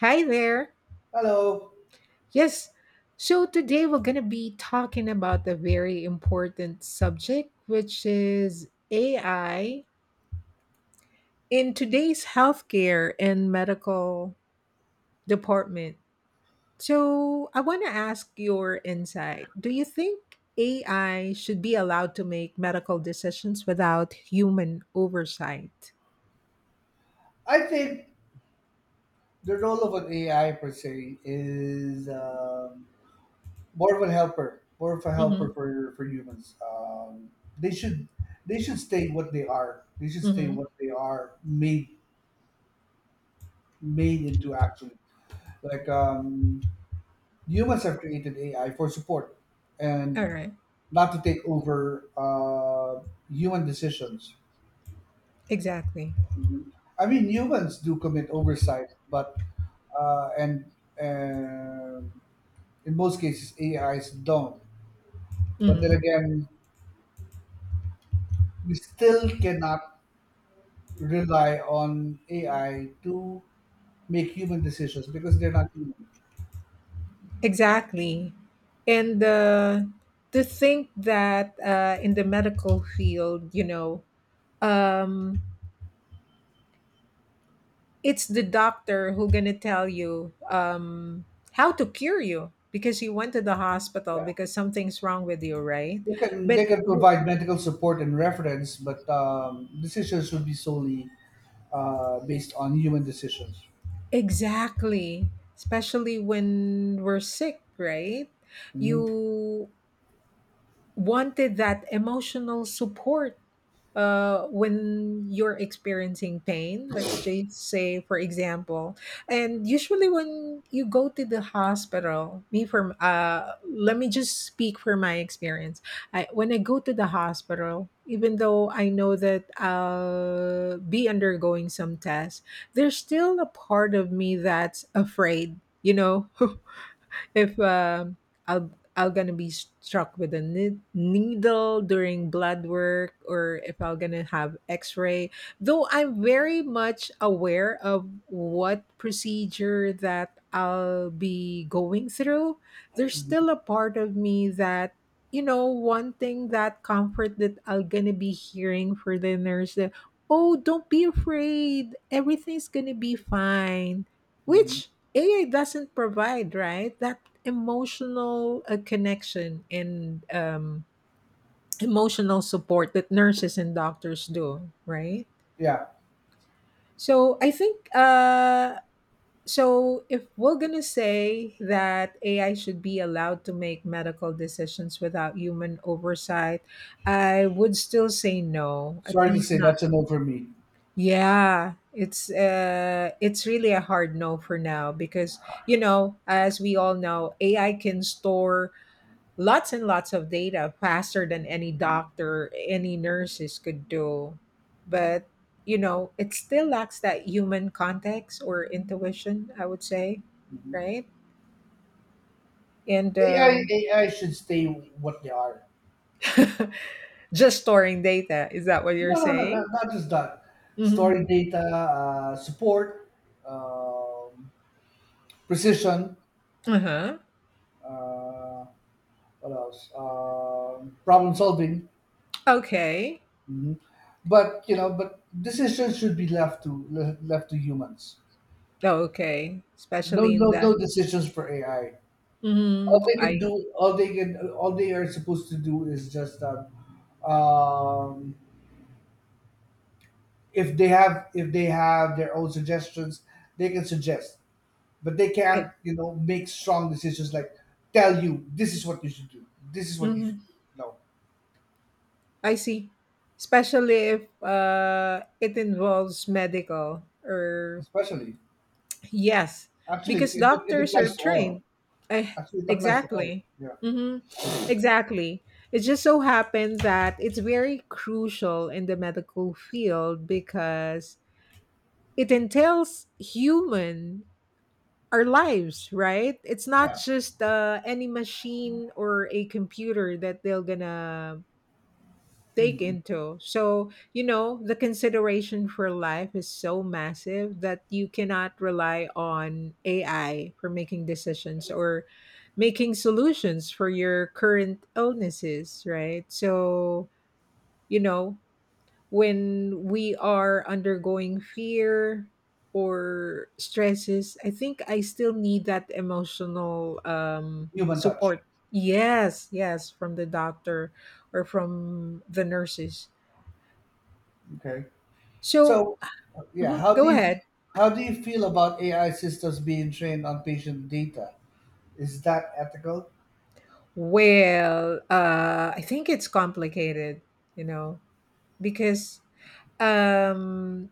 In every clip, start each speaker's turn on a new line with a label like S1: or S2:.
S1: Hi there.
S2: Hello.
S1: Yes. So today we're going to be talking about a very important subject, which is AI in today's healthcare and medical department. So I want to ask your insight. Do you think AI should be allowed to make medical decisions without human oversight?
S2: I think the role of an AI per se is more of a helper,
S1: Mm-hmm.
S2: for humans. They should stay what they are. They should stay
S1: Mm-hmm.
S2: what they are made into, actually. Like um, humans have created AI for support
S1: All
S2: and
S1: right.
S2: not to take over human decisions.
S1: Exactly.
S2: I mean, humans do commit oversight, but and in most cases AIs don't. But then again, we still cannot rely on AI to make human decisions because they're not human.
S1: Exactly. And to think that in the medical field, um, it's the doctor who gonna tell you how to cure you because you went to the hospital
S2: Yeah,
S1: because something's wrong with you, right?
S2: they can they
S1: But
S2: can
S1: w-
S2: provide medical support and reference, but decisions should be solely based on human decisions.
S1: exactly, especially when we're sick, right?
S2: Mhm.
S1: You wanted that emotional support when you're experiencing pain. Let's just say, for example, and usually when you go to the hospital, me for let me just speak for my experience. When I go to the hospital, even though I know that I'll be undergoing some tests, there's still a part of me that's afraid. You know, if I'll gonna be struck with a needle during blood work, or if I'm gonna have X-ray. Though I'm very much aware of what procedure that I'll be going through, there's still a part of me that you know wanting that comfort that I'm gonna be hearing for the nurse. That, oh, don't be afraid. Everything's gonna be fine
S2: Mhm.
S1: which AI doesn't provide, right? That emotional connection and emotional support that nurses and doctors do, right?
S2: Yeah,
S1: So I think. If we're gonna say that AI should be allowed to make medical decisions without human oversight, I would still say no. At
S2: sorry to
S1: least
S2: say
S1: not.
S2: that's a no for me.
S1: Yeah, it's really a hard no for now because you know, as we all know, AI can store lots and lots of data faster than any doctor, any nurses could do. But, you know, it still lacks that human context or intuition, I would say,
S2: Mhm.
S1: right? And
S2: AI should stay what they are.
S1: just storing data, is that what you're
S2: No, no, no, not,
S1: saying?
S2: not just that.
S1: Mhm.
S2: Storing data, support, um, precision,
S1: Uh-huh.
S2: uh, what else? Problem solving.
S1: Okay.
S2: hmm But you know, but decisions should be left to left to humans.
S1: Okay.
S2: No,
S1: Especially in
S2: no,
S1: that.
S2: no decisions for AI. All
S1: Mhm,
S2: they can
S1: I
S2: do, all they can, all they are supposed to do is just um, if they have their own suggestions, they can suggest. But they
S1: I
S2: can't, you know, make strong decisions like, tell you this is what you should do,
S1: mhm,
S2: no.
S1: I see. Especially if it involves medical or
S2: Especially.
S1: yes,
S2: actually
S1: because
S2: it, it, it
S1: doctors are
S2: applies to
S1: trained.
S2: all.
S1: I
S2: actually it applies to all
S1: exactly.
S2: yeah.
S1: Mhm, exactly. It just so happened that it's very crucial in the medical field because it entails human our lives, right? It's not
S2: Yeah.
S1: just any machine or a computer that they're gonna take into. So, you know, the consideration for life is so massive that you cannot rely on AI for making decisions or making solutions for your current illnesses, right? So, you know, when we are undergoing fear or stresses, I think I still need that emotional
S2: Human touch.
S1: support. Yes, yes, from the doctor or from the nurses.
S2: Okay.
S1: So
S2: So yeah.
S1: Mhm. Go ahead.
S2: How do you feel about AI systems being trained on patient data? Is that ethical?
S1: Well, I think it's complicated, you know, because um,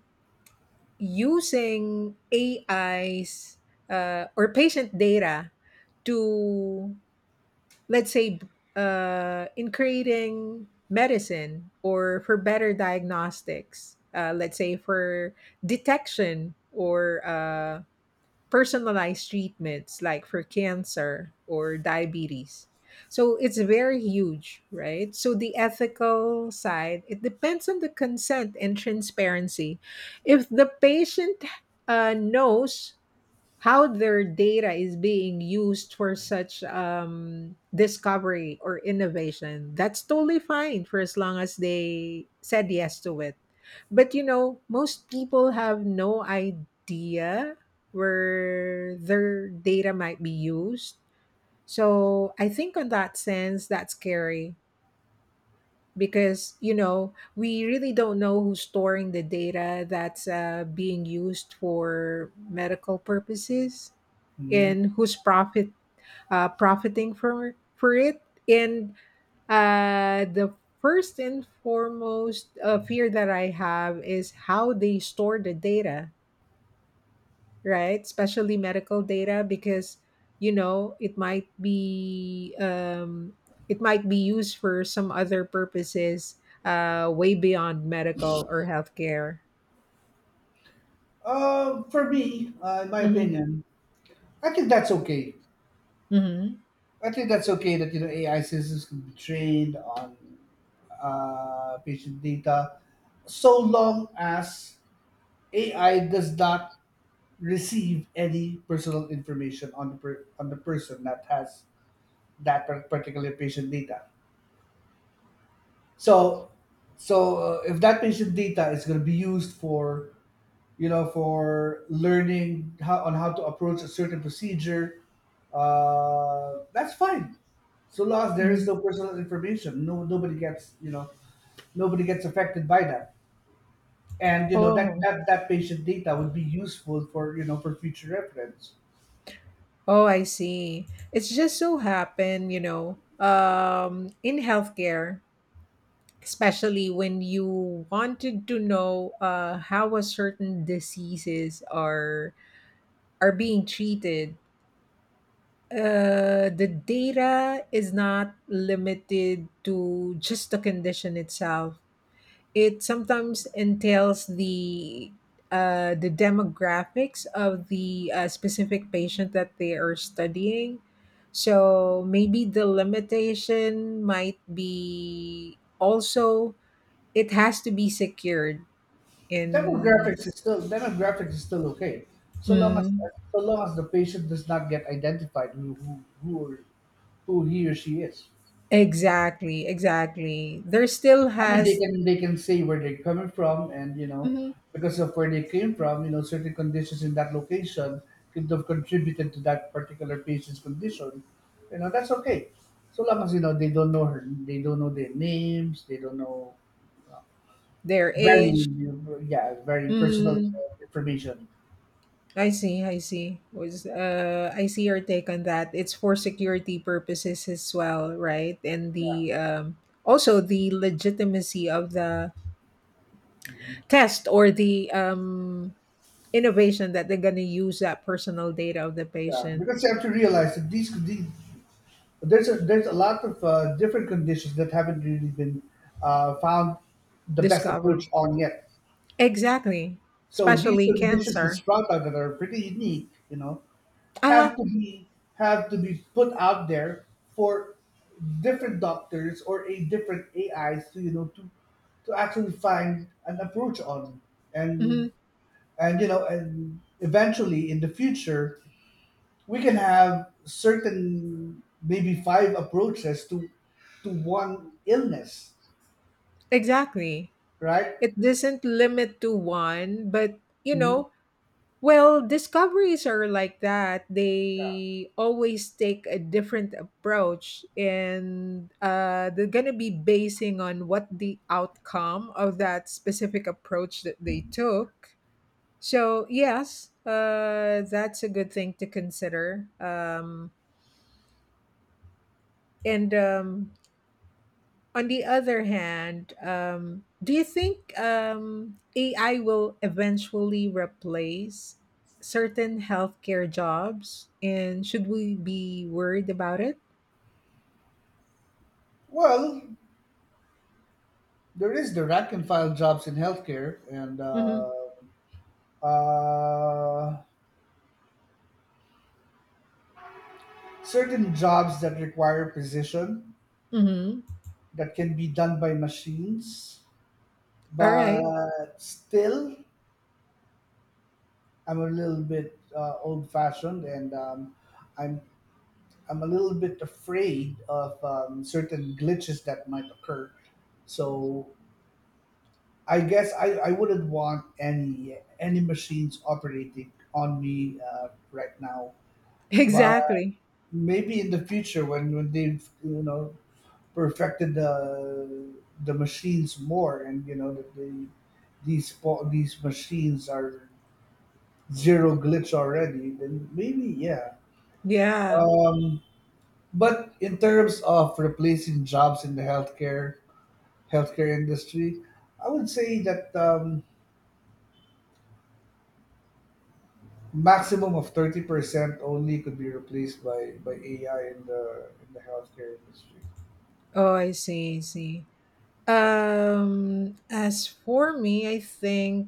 S1: using AIs or patient data to, let's say, in creating medicine or for better diagnostics, let's say for detection or personalized treatments like for cancer or diabetes. So it's very huge, right? So the ethical side, it depends on the consent and transparency. If the patient knows how their data is being used for such discovery or innovation. That's totally fine for as long as they said yes to it. But you know, most people have no idea where their data might be used. So I think, in that sense, that's scary because you know we really don't know who's storing the data that's being used for medical purposes
S2: Hmm.
S1: and who's profit profiting for it and the first and foremost fear that I have is how they store the data right? Especially medical data because you know it might be used for some other purposes way beyond medical or healthcare.
S2: For me, in my
S1: Mm-hmm.
S2: opinion, I think that's okay.
S1: Mm-hmm.
S2: I think that's okay that, you know, AI systems can be trained on patient data, so long as AI does not receive any personal information on the on the person that has that particular patient data. So, if that patient data is going to be used for, you know, for learning how on how to approach a certain procedure, that's fine. So long as there is no
S1: Hmm.
S2: personal information, no, nobody gets, you know, nobody gets affected by that, and you know that
S1: Oh,
S2: that patient data would be useful for, you know, for future reference.
S1: oh, I see. It's just so happened, you know, in healthcare, especially when you wanted to know how a certain diseases are being treated. The data is not limited to just the condition itself. It sometimes entails the demographics of the specific patient that they are studying. So maybe the limitation might be also it has to be secured in
S2: Demographics is still okay, so long as
S1: mm,
S2: so long as the patient does not get identified, who, or, who he or she is.
S1: exactly. There still
S2: I mean, they
S1: has
S2: can they can say where they're coming from, and, you know,
S1: mhm,
S2: because of where they came from, you know, certain conditions in that location could have contributed to that particular patient's condition. You know, that's okay, so long as, you know, they don't know her, they don't know their names, they don't know
S1: their
S2: very
S1: age
S2: yeah, very personal
S1: Mm,
S2: information.
S1: I see. Was I see your take on that. It's for security purposes as well, right? And
S2: Yeah.
S1: the also the legitimacy of the test or the innovation that they're going to use that personal data of the
S2: Yeah,
S1: patient
S2: because you have to realize that these there's a lot of different conditions that haven't really been found the best
S1: discovered.
S2: approach on yet.
S1: Exactly,
S2: So these
S1: especially
S2: conditions, this
S1: cancer.
S2: product that are pretty unique, you know, have
S1: Ah,
S2: to be have to be put out there for different doctors or a different AIs to, you know, to actually find an approach on,
S1: mhm,
S2: and and you know, and eventually in the future we can have certain, maybe, five approaches to one illness,
S1: exactly.
S2: right?
S1: It doesn't limit to one, but you
S2: Mhm.
S1: know, well, discoveries are like that. They always take a different approach, and they're going to be basing on what the outcome of that specific approach that they took. So, yes, that's a good thing to consider. And on the other hand, do you think AI will eventually replace certain healthcare jobs? And should we be worried about it?
S2: Well, there is the rank and file jobs in healthcare, and
S1: Mm-hmm.
S2: uh, certain jobs that require precision
S1: Mm-hmm.
S2: that can be done by machines,
S1: All right.
S2: but still, I'm a little bit old fashioned, and I'm I'm a little bit afraid of certain glitches that might occur. So I guess I wouldn't want any machines operating on me right now. But
S1: Exactly.
S2: maybe in the future, when they've, you know, perfected the machines more, and you know that they, these these machines are zero glitch already, then maybe, yeah.
S1: Yeah.
S2: But in terms of replacing jobs in the healthcare, healthcare industry, I would say that maximum of 30% only could be replaced by AI in the healthcare industry.
S1: Oh, I see. I see. As for me, I think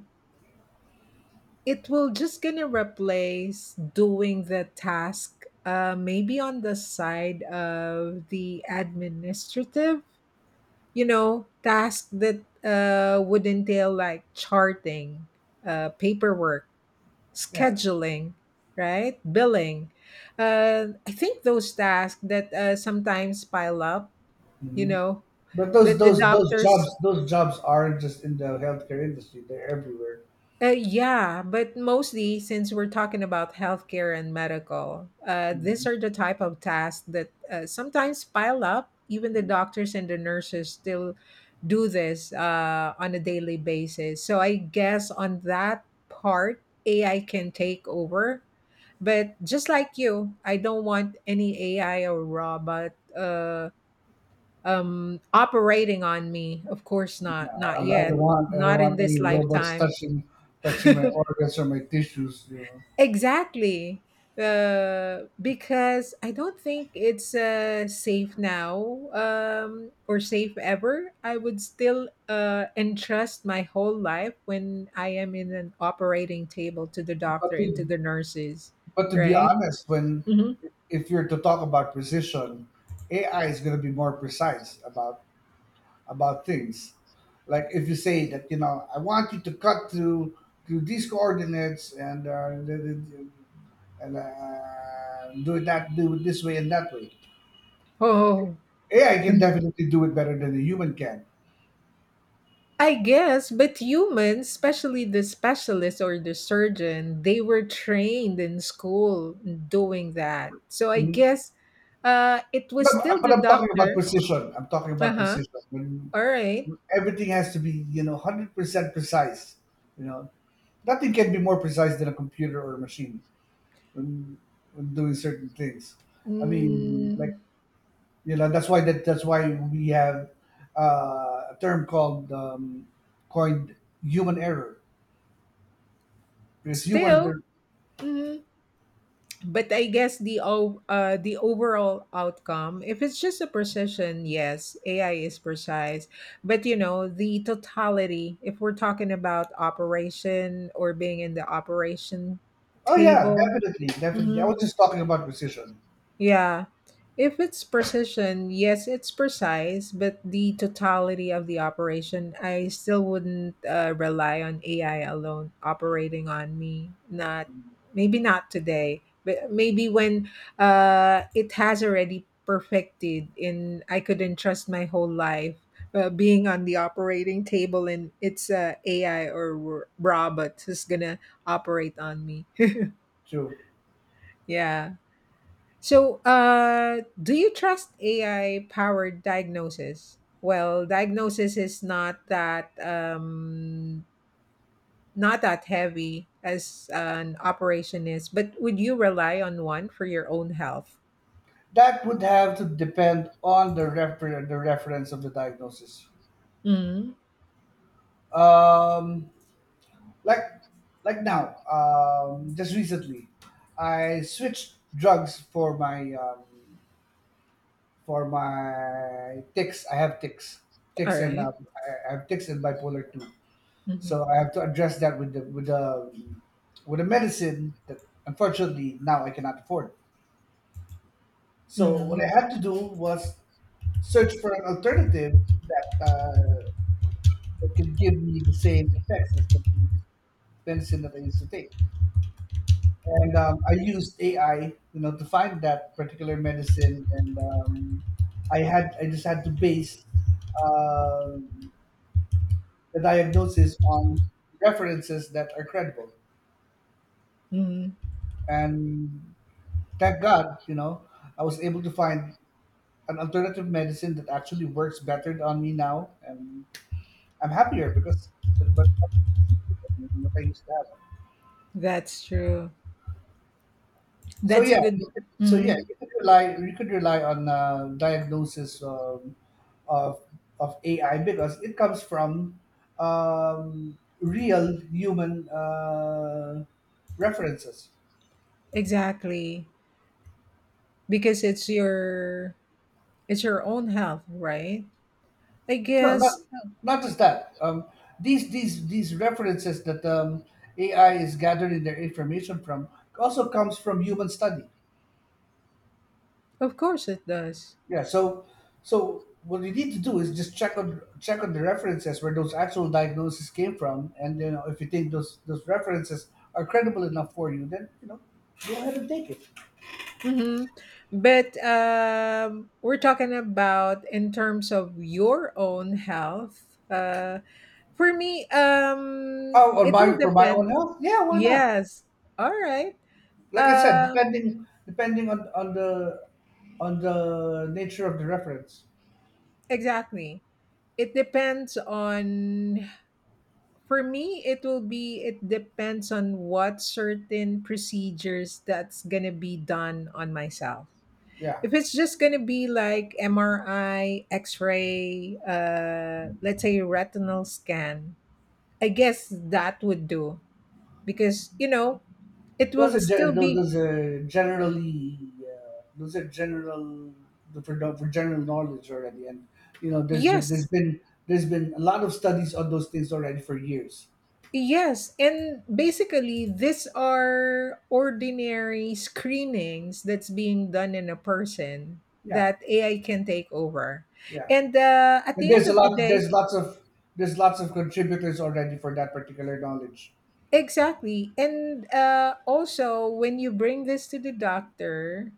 S1: it will just gonna replace doing the task maybe on the side of the administrative you know task that would entail like charting paperwork
S2: Yeah.
S1: scheduling right billing I think those tasks that sometimes pile up you
S2: Mhm.
S1: know
S2: But those
S1: that the
S2: those those
S1: doctors
S2: jobs, aren't just in the healthcare industry; they're everywhere.
S1: Yeah, but mostly since we're talking about healthcare and medical, these
S2: Mhm.
S1: are the type of tasks that sometimes pile up. Even the doctors and the nurses still do this on a daily basis. So I guess on that part, AI can take over. But just like you, I don't want any AI or robot operating on me. Of course
S2: Yeah,
S1: not, not
S2: I
S1: yet,
S2: don't want I don't
S1: not in
S2: want
S1: this
S2: any robots
S1: lifetime.
S2: touching my organs or my tissues, you know.
S1: Exactly. Because I don't think it's safe now or safe ever. I would still entrust my whole life when I am in an operating table to the
S2: But
S1: doctor and to
S2: to,
S1: the nurses,
S2: but to be
S1: right?
S2: honest, when,
S1: Hmm.
S2: if you're to talk about precision, AI is going to be more precise about things. Like, if you say that, you know, I want you to cut through these coordinates and, do it that, do it this way and that way.
S1: Oh,
S2: AI can definitely do it better than a human can.
S1: I guess, but humans, especially the specialist or the surgeon, they were trained in school doing that. So I
S2: Mhm.
S1: guess it was
S2: But,
S1: still the
S2: I'm talking about
S1: doctor.
S2: precision. I'm talking
S1: Uh
S2: about
S1: huh.
S2: precision. When
S1: All right.
S2: everything has to be, you know, 100% precise. You know, nothing can be more precise than a computer or a machine when doing certain things. I mean, like,
S1: Mm,
S2: you know, that's why that's why we have a term called, coined, human error, because humans
S1: still.
S2: are.
S1: Mhm. But I guess the the overall outcome, if it's just a precision, yes, AI is precise. But you know, the totality, if we're talking about operation or being in the operation
S2: Oh, yeah,
S1: table,
S2: definitely, definitely. I was just talking about precision.
S1: yeah. If it's precision, yes, it's precise, but the totality of the operation, I still wouldn't rely on AI alone operating on me. Not maybe not today, but maybe when it has already perfected and I could entrust my whole life being on the operating table and it's AI or robot who's gonna operate on me.
S2: True.
S1: Yeah. So, do you trust AI powered diagnosis? Well, diagnosis is not that not that heavy as an operation is, but would you rely on one for your own health?
S2: That would have to depend on the the reference of the diagnosis.
S1: Mm-hmm.
S2: Um, like now, just recently, I switched drugs for my tics. I have tics,
S1: All
S2: and
S1: right.
S2: I have tics and bipolar two.
S1: Mhm.
S2: So I have to address that with the with the medicine that, unfortunately, now I cannot afford. So what
S1: Mhm.
S2: I had to do was search for an alternative that that could give me the same effects as the previous medicine that I used to take. And I used AI, you know, to find that particular medicine. And I just had to base um the diagnosis on references that are credible,
S1: Mhm.
S2: and, thank God, you know, I was able to find an alternative medicine that actually works better on me now, and I'm happier because but what I used to have.
S1: That's true.
S2: So
S1: That's a
S2: yeah,
S1: good one.
S2: so yeah,
S1: Mhm.
S2: you could rely on diagnosis of AI, because it comes from real human references.
S1: Exactly, because it's your own health, right? I
S2: No,
S1: guess,
S2: not just that. These these references that, AI is gathering their information from, also comes from human study.
S1: of course, it does.
S2: Yeah, so what you need to do is just check on the references where those actual diagnoses came from, and, you know, if you think those references are credible enough for you, then, you know, go ahead and take it.
S1: Hmm. But we're talking about in terms of your own health. For me,
S2: Oh, on
S1: it will
S2: my for my own
S1: depend.
S2: health? Yeah, why not?
S1: Yes. All right.
S2: Like I said,
S1: Um,
S2: depending on the nature of the reference.
S1: exactly. It depends on. For me, it will be. It depends on what certain procedures that's gonna be done on myself.
S2: Yeah.
S1: If it's just going to be like MRI, X ray, let's say retinal scan, I guess that would do because, you know, it will still be
S2: Those are generally those are general the for general knowledge already, and you know,
S1: yes
S2: there's been a lot of studies on those things already for years.
S1: yes and basically these are ordinary screenings that's being done in a person
S2: Yeah.
S1: that ai can take over
S2: Yeah,
S1: and at the
S2: and
S1: end of the day
S2: there's lots of contributors already for that particular knowledge.
S1: exactly and also when you bring this to the doctor.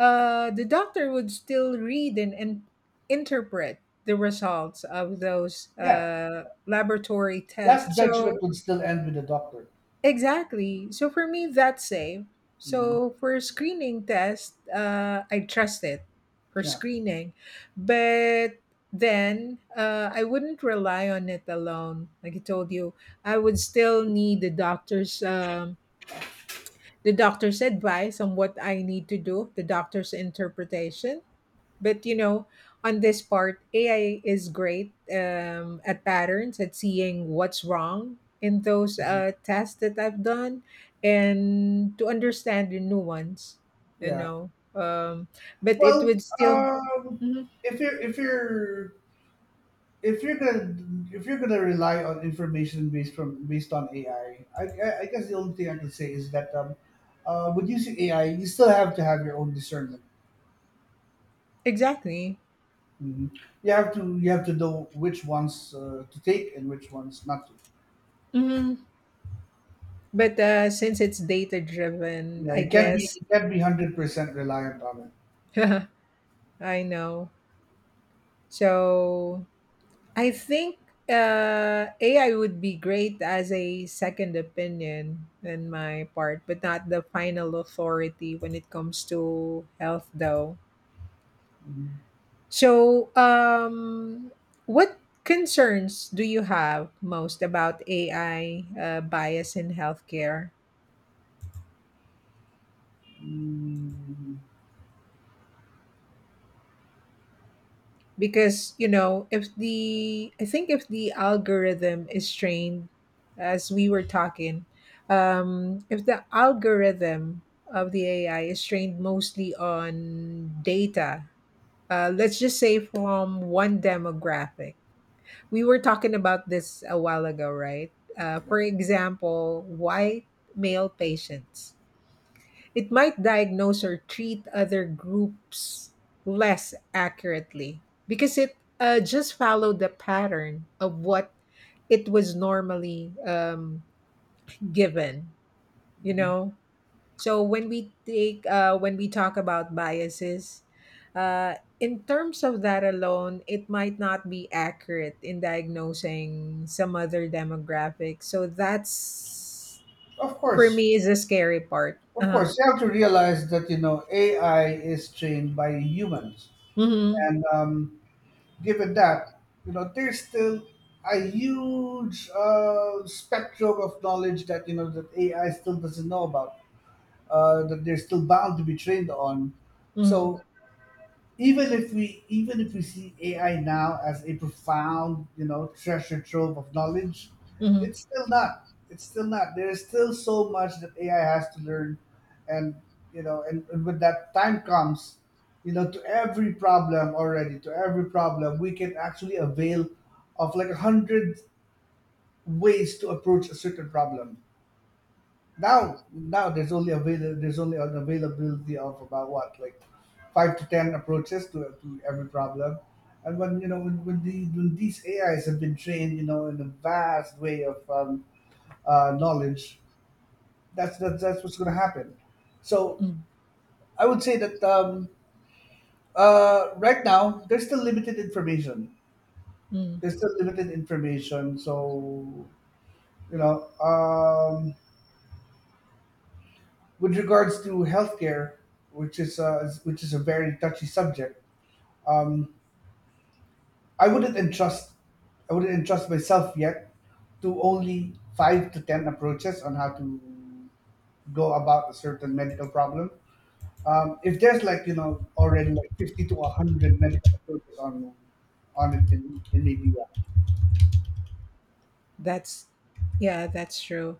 S1: The doctor would still read and interpret the results of those
S2: Yeah.
S1: laboratory
S2: Last
S1: tests.
S2: Judgment
S1: So,
S2: would still end with the Doctor.
S1: exactly. So, for me, that's safe.
S2: Mhm.
S1: So, for screening test, I trust it for
S2: Yeah.
S1: screening. But then I wouldn't rely on it alone. Like I told you, I would still need the doctor's. The doctor's advice on what I need to do, the doctor's interpretation but you know, on this part, AI is great at patterns, at seeing what's wrong in those tests that I've done, and to understand the nuance. You
S2: Yeah.
S1: know, but it
S2: Well,
S1: would still
S2: um,
S1: Mhm,
S2: if you're if you're if you're gonna if you're gonna rely on information based from, based on AI, I guess the only thing I can say is that, when using AI, you still have to have your own discernment.
S1: exactly.
S2: Mhm. You have to know which ones to take and which ones not to.
S1: Mhm. But since it's data driven,
S2: Yeah,
S1: I guess
S2: you can't be 100% reliant on it.
S1: I know. So I think AI would be great as a second opinion in my part, but not the final authority when it comes to health, though.
S2: Mhm.
S1: So, what concerns do you have most about AI bias in healthcare?
S2: Mm,
S1: Because if the I think if the algorithm is trained as we were talking. If the algorithm of the AI is trained mostly on data, let's just say from one demographic. We were talking about this a while ago, right? uh,
S2: yeah.
S1: for example, white male patients. It might diagnose or treat other groups less accurately because it just followed the pattern of what it was normally given, you
S2: Mhm.
S1: know so when we take when we talk about biases in terms of that alone, it might not be accurate in diagnosing some other demographic. So that's
S2: Of
S1: for
S2: course,
S1: me is a scary part.
S2: of
S1: Uh-huh.
S2: course, you have to realize that, you know, AI is trained by humans,
S1: Mm-hmm.
S2: and, given that, you know, there's still a huge spectrum of knowledge that, you know, that AI still doesn't know about, that they're still bound to be trained on.
S1: Mm-hmm.
S2: So, even if we see AI now as a profound, you know, treasure trove of knowledge,
S1: Mm-hmm.
S2: it's still not. It's still not. There is still so much that AI has to learn, and you know, and when that time comes, you know, to every problem already, to every problem, we can actually avail of, like, 100 ways to approach a certain problem. Now, there's only there's only an availability of about, what, like, five to ten approaches to every problem. And when, you know, when these AIs have been trained, you know, in a vast way of, knowledge, that's what's going to happen. So
S1: Mm,
S2: I would say that, right now there's still limited information.
S1: mm.
S2: There's still limited information. So you know. With regards to healthcare, which is a very touchy subject, um, I wouldn't entrust I wouldn't entrust myself yet to only five to ten approaches on how to go about a certain medical problem. If there's like you know already like 50 to 100 medical approaches on it, then maybe yeah.
S1: That's, yeah, that's true.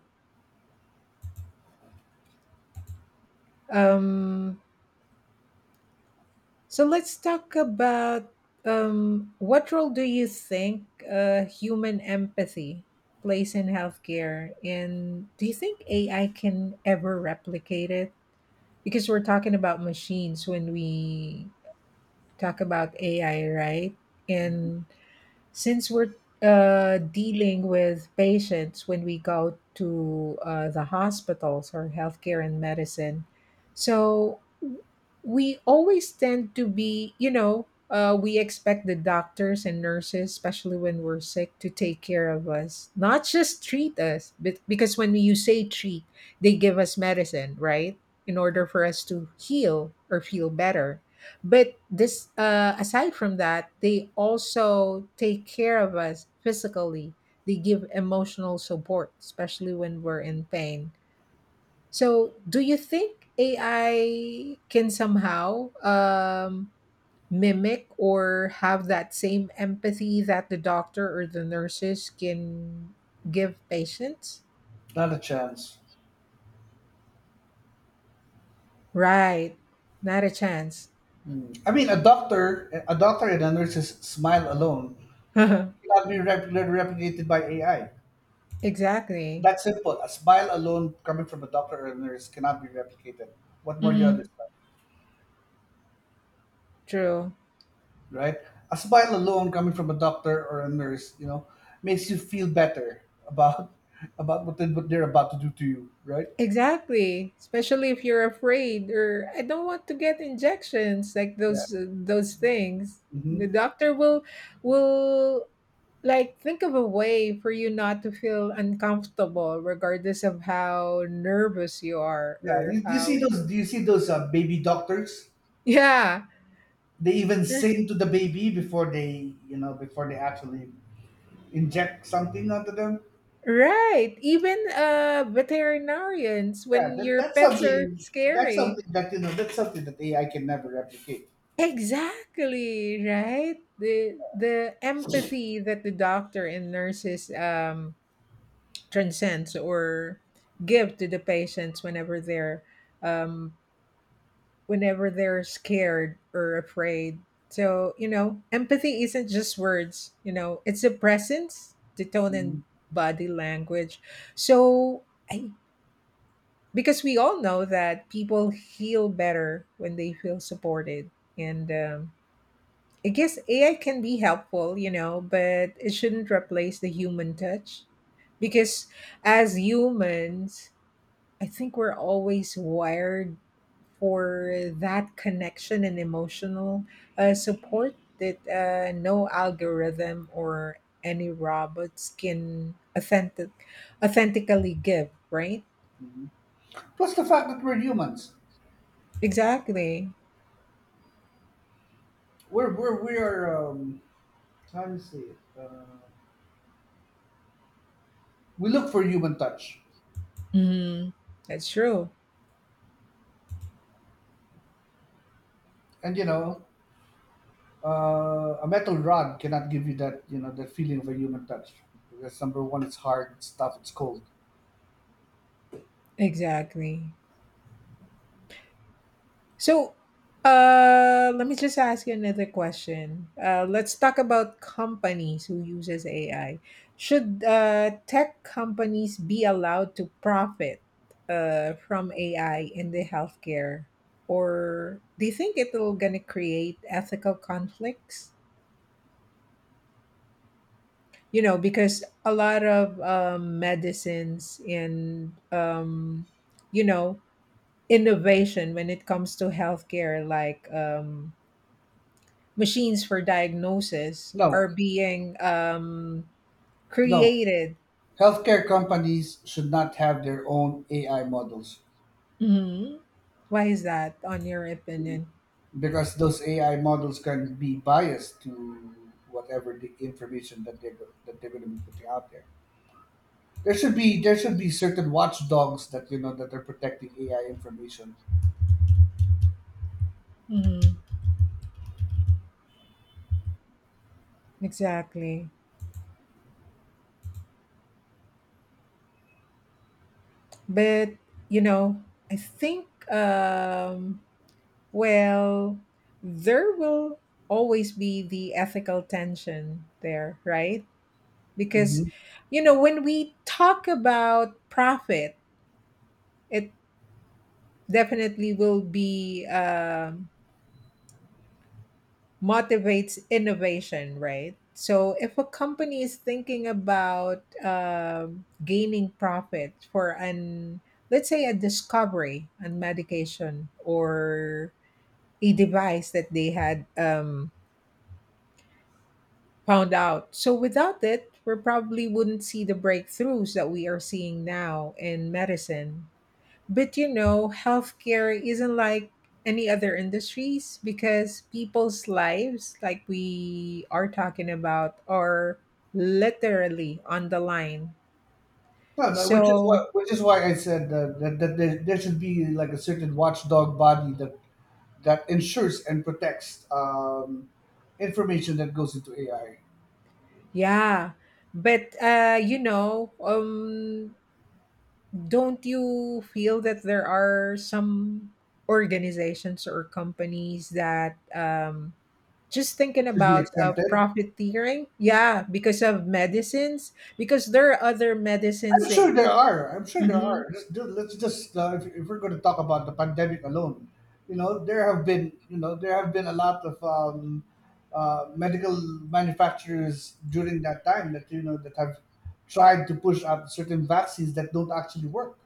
S1: Um, so let's talk about, what role do you think human empathy plays in healthcare, and do you think AI can ever replicate it? Because we're talking about machines when we talk about AI, right?
S2: Mhm.
S1: And since we're dealing with patients when we go to the hospitals or healthcare and medicine, so we always tend to be, you know, we expect the doctors and nurses, especially when we're sick, to take care of us, not just treat us. But because when you say treat, they give us medicine, right? In order for us to heal or feel better. But this, aside from that, they also take care of us physically. They give emotional support, especially when we're in pain. So, do you think AI can somehow mimic or have that same empathy that the doctor or the nurses can give patients?
S2: Not a chance.
S1: Right, not a chance.
S2: Hmm. I mean, a doctor, and a nurse's smile alone cannot be replicated by AI.
S1: Exactly.
S2: That's simple. A smile alone coming from a doctor or a nurse cannot be replicated. What more do you
S1: Mhm.
S2: understand?
S1: True.
S2: Right? A smile alone coming from a doctor or a nurse, makes you feel better about what, what they're about to do to you, right?
S1: Exactly, especially if you're afraid or I don't want to get injections like
S2: Yeah.
S1: those things. The
S2: Hmm.
S1: doctor will will like think of a way for you not to feel uncomfortable regardless of how nervous you are
S2: Yeah.
S1: or
S2: You see
S1: how.
S2: those? Do you see those baby doctors?
S1: Yeah.
S2: They even
S1: r-
S2: sing to the baby before before they actually inject something onto them.
S1: right, even uh, veterinarians
S2: Yeah,
S1: when your
S2: that's
S1: pets are
S2: something. That's
S1: scary.
S2: something that AI can never replicate.
S1: Exactly, right? The empathy that the doctor and nurses transcends or give to the patients whenever they're, um, whenever they're scared or afraid. So you know, empathy isn't just words. You know, it's a presence, the tone and
S2: Mm-hmm.
S1: body language. So I, because we all know that people heal better when they feel supported, and I guess AI can be helpful, you know, but it shouldn't replace the human touch, because as humans, I think we're always wired for that connection and emotional support that no algorithm or any robots can authentically give, right?
S2: Plus the fact that we're humans.
S1: Exactly.
S2: We're we are, um, how do you say it? We look for human touch,
S1: Mhm. That's true.
S2: and a metal rod cannot give you that you know that feeling of a human touch because #1, it's hard, it's tough, it's cold.
S1: Exactly. So, let me just ask you another question. Let's talk about companies who uses AI. Should tech companies be allowed to profit from AI in the healthcare, or do you think it'll gonna create ethical conflicts? You know, because a lot of medicines and you know innovation when it comes to healthcare, like, machines for diagnosis are
S2: No,
S1: being
S2: no.
S1: created.
S2: Healthcare companies should not have their own AI models
S1: Mhm. Why is that, on your opinion?
S2: because those AI models can be biased to whatever the information that that they're going to be putting out there. There should be certain watchdogs that you know that are protecting AI information.
S1: Mhm. Exactly. But, you know, I think, well, there will always be the ethical tension there, right?
S2: Hmm.
S1: Because, you know, when we talk about profit, it definitely will be motivates innovation, right? So if a company is thinking about gaining profit for an, let's say, a discovery, and medication, or a device that they had found out. So without it, we probably wouldn't see the breakthroughs that we are seeing now in medicine. But you know, healthcare isn't like any other industries, because people's lives, like we are talking about, are literally on the line.
S2: No, no,
S1: So,
S2: which is why I said that there should be like a certain watchdog body that ensures and protects, information that goes into AI
S1: yeah. But you know, don't you feel that there are some organizations or companies that just thinking
S2: should be
S1: about
S2: exempted.
S1: profiteering, yeah, because of medicines, because there are other medicines
S2: I'm sure
S1: they.
S2: there are. I'm sure there
S1: Mhm.
S2: are. Let's just, if we're going to talk about the pandemic alone, you know, there have been there have been a lot of medical manufacturers during that time that that have tried to push out certain vaccines that don't actually work,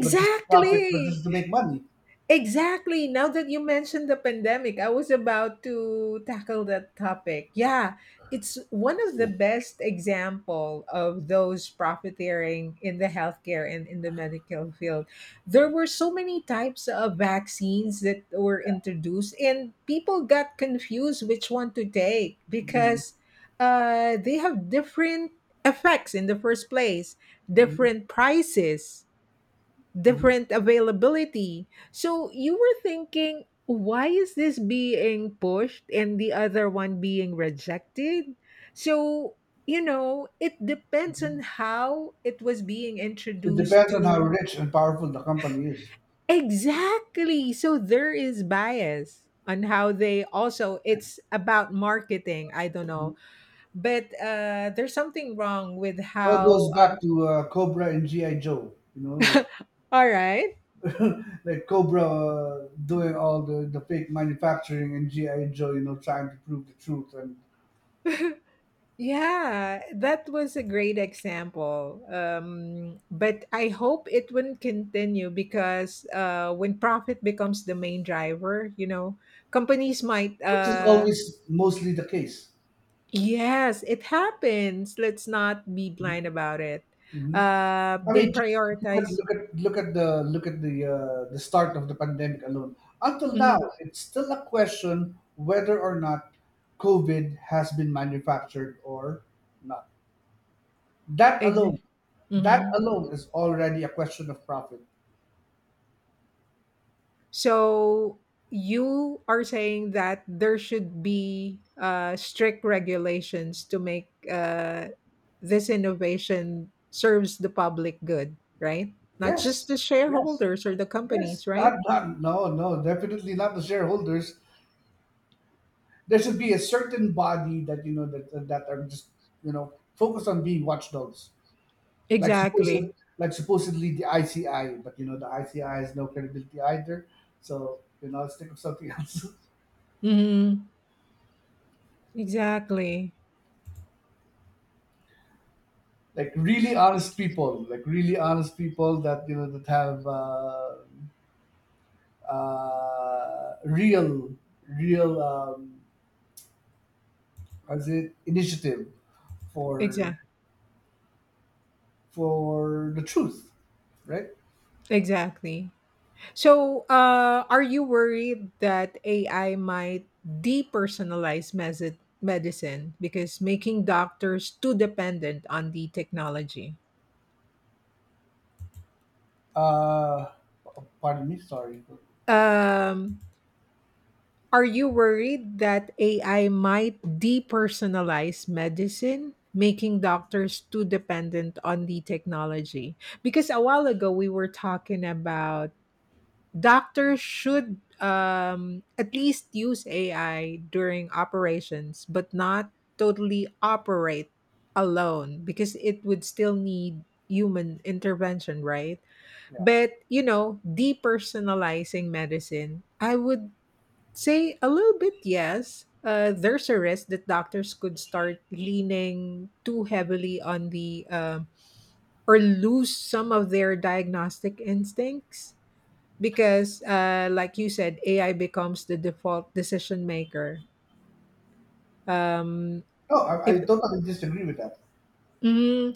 S2: but just to profit, but just to make money.
S1: Exactly. Now that you mentioned the pandemic, I was about to tackle that topic. Yeah, it's one of the best example of those profiteering in the healthcare and in the medical field. There were so many types of vaccines that were introduced, and people got confused which one to take because they have different effects in the first place,
S2: Mhm,
S1: different prices,
S2: mhm,
S1: different availability. So you were thinking, why is this being pushed and the other one being rejected? So, you know, it depends on
S2: mhm.
S1: how it was being
S2: It
S1: introduced
S2: depends on how
S1: to.
S2: rich and powerful the company is.
S1: Exactly. So there is bias on how they also, it's about marketing, I don't know, but uh, there's something wrong with
S2: Well, it goes
S1: how uh,
S2: back to Cobra and GI Joe. You know, like
S1: all right.
S2: like Cobra, doing all the fake manufacturing and GI Joe, you know, trying to prove the truth, and
S1: Yeah, that was a great example. But I hope it wouldn't continue, because when profit becomes the main driver, you know, companies might.
S2: which is always mostly the case.
S1: Yes, it happens. Let's not be blind about it.
S2: Hmm. I
S1: They
S2: mean, just look at
S1: prioritize.
S2: look at look at the look at the, the start of the pandemic alone. Until now,
S1: Mm-hmm,
S2: it's still a question whether or not COVID has been manufactured or not. That alone,
S1: exactly.
S2: that alone is already a question of profit.
S1: So you are saying that there should be strict regulations to make this innovation serves the public good, right? Not just
S2: Yes,
S1: the
S2: yes.
S1: shareholders or the companies,
S2: Yes,
S1: right?
S2: not, not, no, no, definitely not the shareholders. There should be a certain body that you know that, that are just you know focused on being watchdogs, like supposed
S1: Exactly.
S2: like supposedly the ICI, but you know the ICI has no credibility either. So you know, let's think of something else.
S1: Hmm. Exactly.
S2: Like really honest people, like really honest people that you know that have, real, real, as it initiative for
S1: Exactly.
S2: for the truth, right?
S1: Exactly. So, are you worried that AI might depersonalize medicine because making doctors too dependent on the technology?
S2: Uh, pardon me, sorry.
S1: Um, are you worried that AI might depersonalize medicine, making doctors too dependent on the technology? Because a while ago we were talking about, doctors should at least use AI during operations, but not totally operate alone, because it would still need human intervention, right?
S2: Yeah.
S1: But, you know, depersonalizing medicine, I would say a little bit yes. There's a risk that doctors could start leaning too heavily on the or lose some of their diagnostic instincts because like you said, AI becomes the default decision maker. um,
S2: No,
S1: if,
S2: I totally disagree with that.
S1: mm,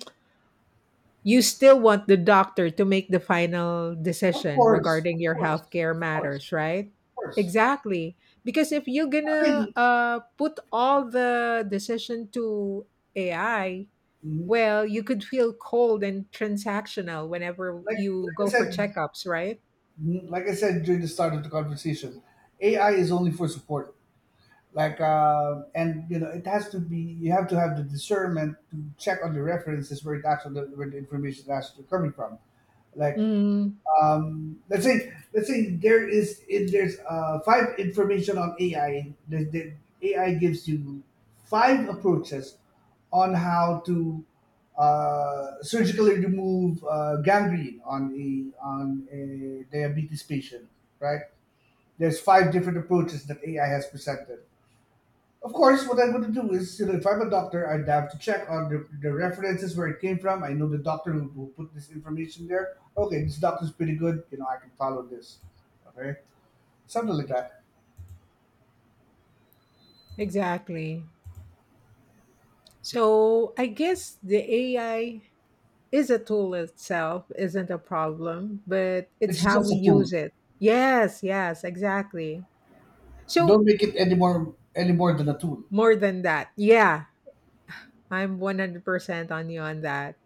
S1: you still want the doctor to make the final
S2: Of
S1: decision
S2: course,
S1: regarding
S2: of
S1: your
S2: course,
S1: healthcare
S2: of course,
S1: matters, right?
S2: of course.
S1: Exactly, because if you're
S2: I
S1: gonna
S2: mean,
S1: put all the decision to AI,
S2: mm,
S1: well, you could feel cold and transactional whenever you
S2: like I
S1: go for
S2: said,
S1: checkups, right?
S2: mm, like I said during the start of the conversation, AI is only for support. Like, and you know, it has to be. You have to have the discernment to check on the references where it actually where the information is actually coming from. Like,
S1: Mm,
S2: let's say there is, if there's 5 information on AI. The AI gives you 5 approaches on how to, surgically remove, gangrene on a diabetes patient. Right? There's 5 different approaches that AI has presented. Of course, what I'm going to do is, you know, if I'm a doctor, I'd have to check on the references where it came from. I know the doctor who put this information there. Okay, this doctor's pretty good. You know, I can follow this. Okay, something like that.
S1: exactly. So I guess the AI is a tool, itself isn't a problem, but it's
S2: It's
S1: how
S2: just
S1: we
S2: a tool.
S1: use it. Yes, yes, exactly. So,
S2: Don't make it any more than a tool.
S1: more than that, yeah, I'm 100% on you on that.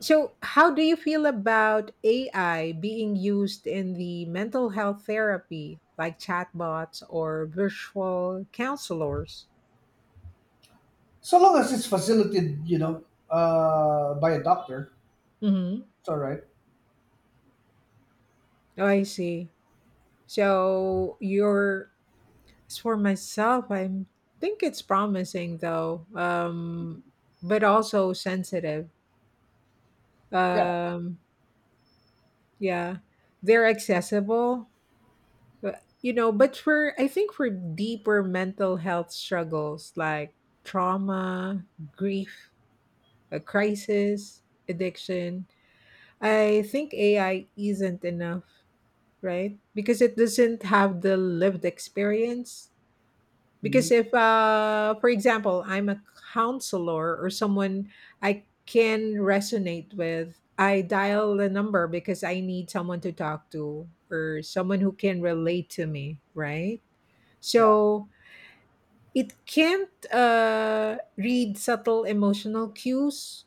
S1: So, how do you feel about AI being used in the mental health therapy, like chatbots or virtual counselors?
S2: So long as it's facilitated, you know, by a doctor,
S1: Hmm.
S2: it's all right.
S1: Oh, I see. So, you're, as for myself, I think it's promising though, but also sensitive.
S2: Yeah,
S1: Um, yeah, they're accessible, but, you know. But for I think for deeper mental health struggles like trauma, grief, a crisis, addiction, I think AI isn't enough, right? Because it doesn't have the lived experience, because
S2: mhm,
S1: if uh, for example, I'm a counselor or someone, I can resonate with, I dial the number because I need someone to talk to or someone who can relate to me, right?
S2: yeah.
S1: So it can't uh, read subtle emotional cues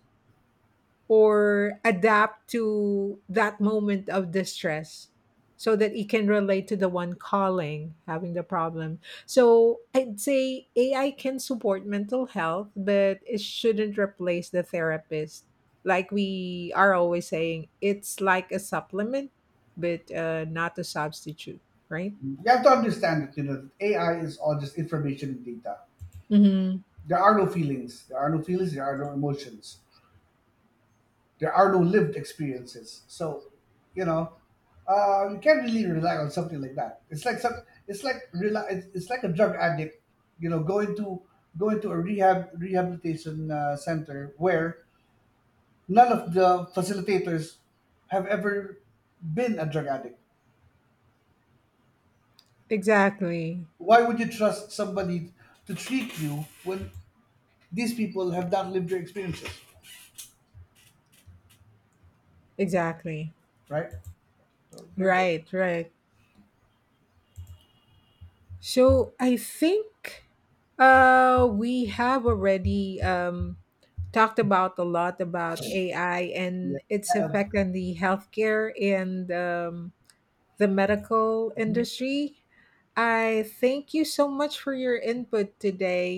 S1: or adapt to that moment of distress, so that it can relate to the one calling having the problem. So I'd say AI can support mental health, but it shouldn't replace the therapist. Like we are always saying, it's like a supplement, but not a substitute, right?
S2: Mm-hmm. You have to understand that you know that AI is all just information and data.
S1: Mm-hmm.
S2: There are no feelings. There are no feelings. There are no emotions. There are no lived experiences. So, you know, you can't really rely on something like that. It's like it's like it's like a drug addict, you know, going to a rehabilitation, center where none of the facilitators have ever been a drug addict.
S1: Exactly.
S2: Why would you trust somebody to treat you when these people have not lived their experiences,
S1: Exactly.
S2: right? So there you go.
S1: Right, right. So I think, uh, we have already talked about a lot about AI and its
S2: Yeah.
S1: effect on the healthcare and the medical industry. I thank you so much for your input today,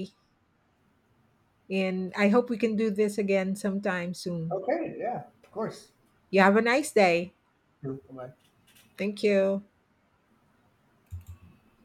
S1: and I hope we can do this again sometime soon.
S2: Okay. Yeah. Of course.
S1: You have a nice day.
S2: Bye.
S1: Thank you.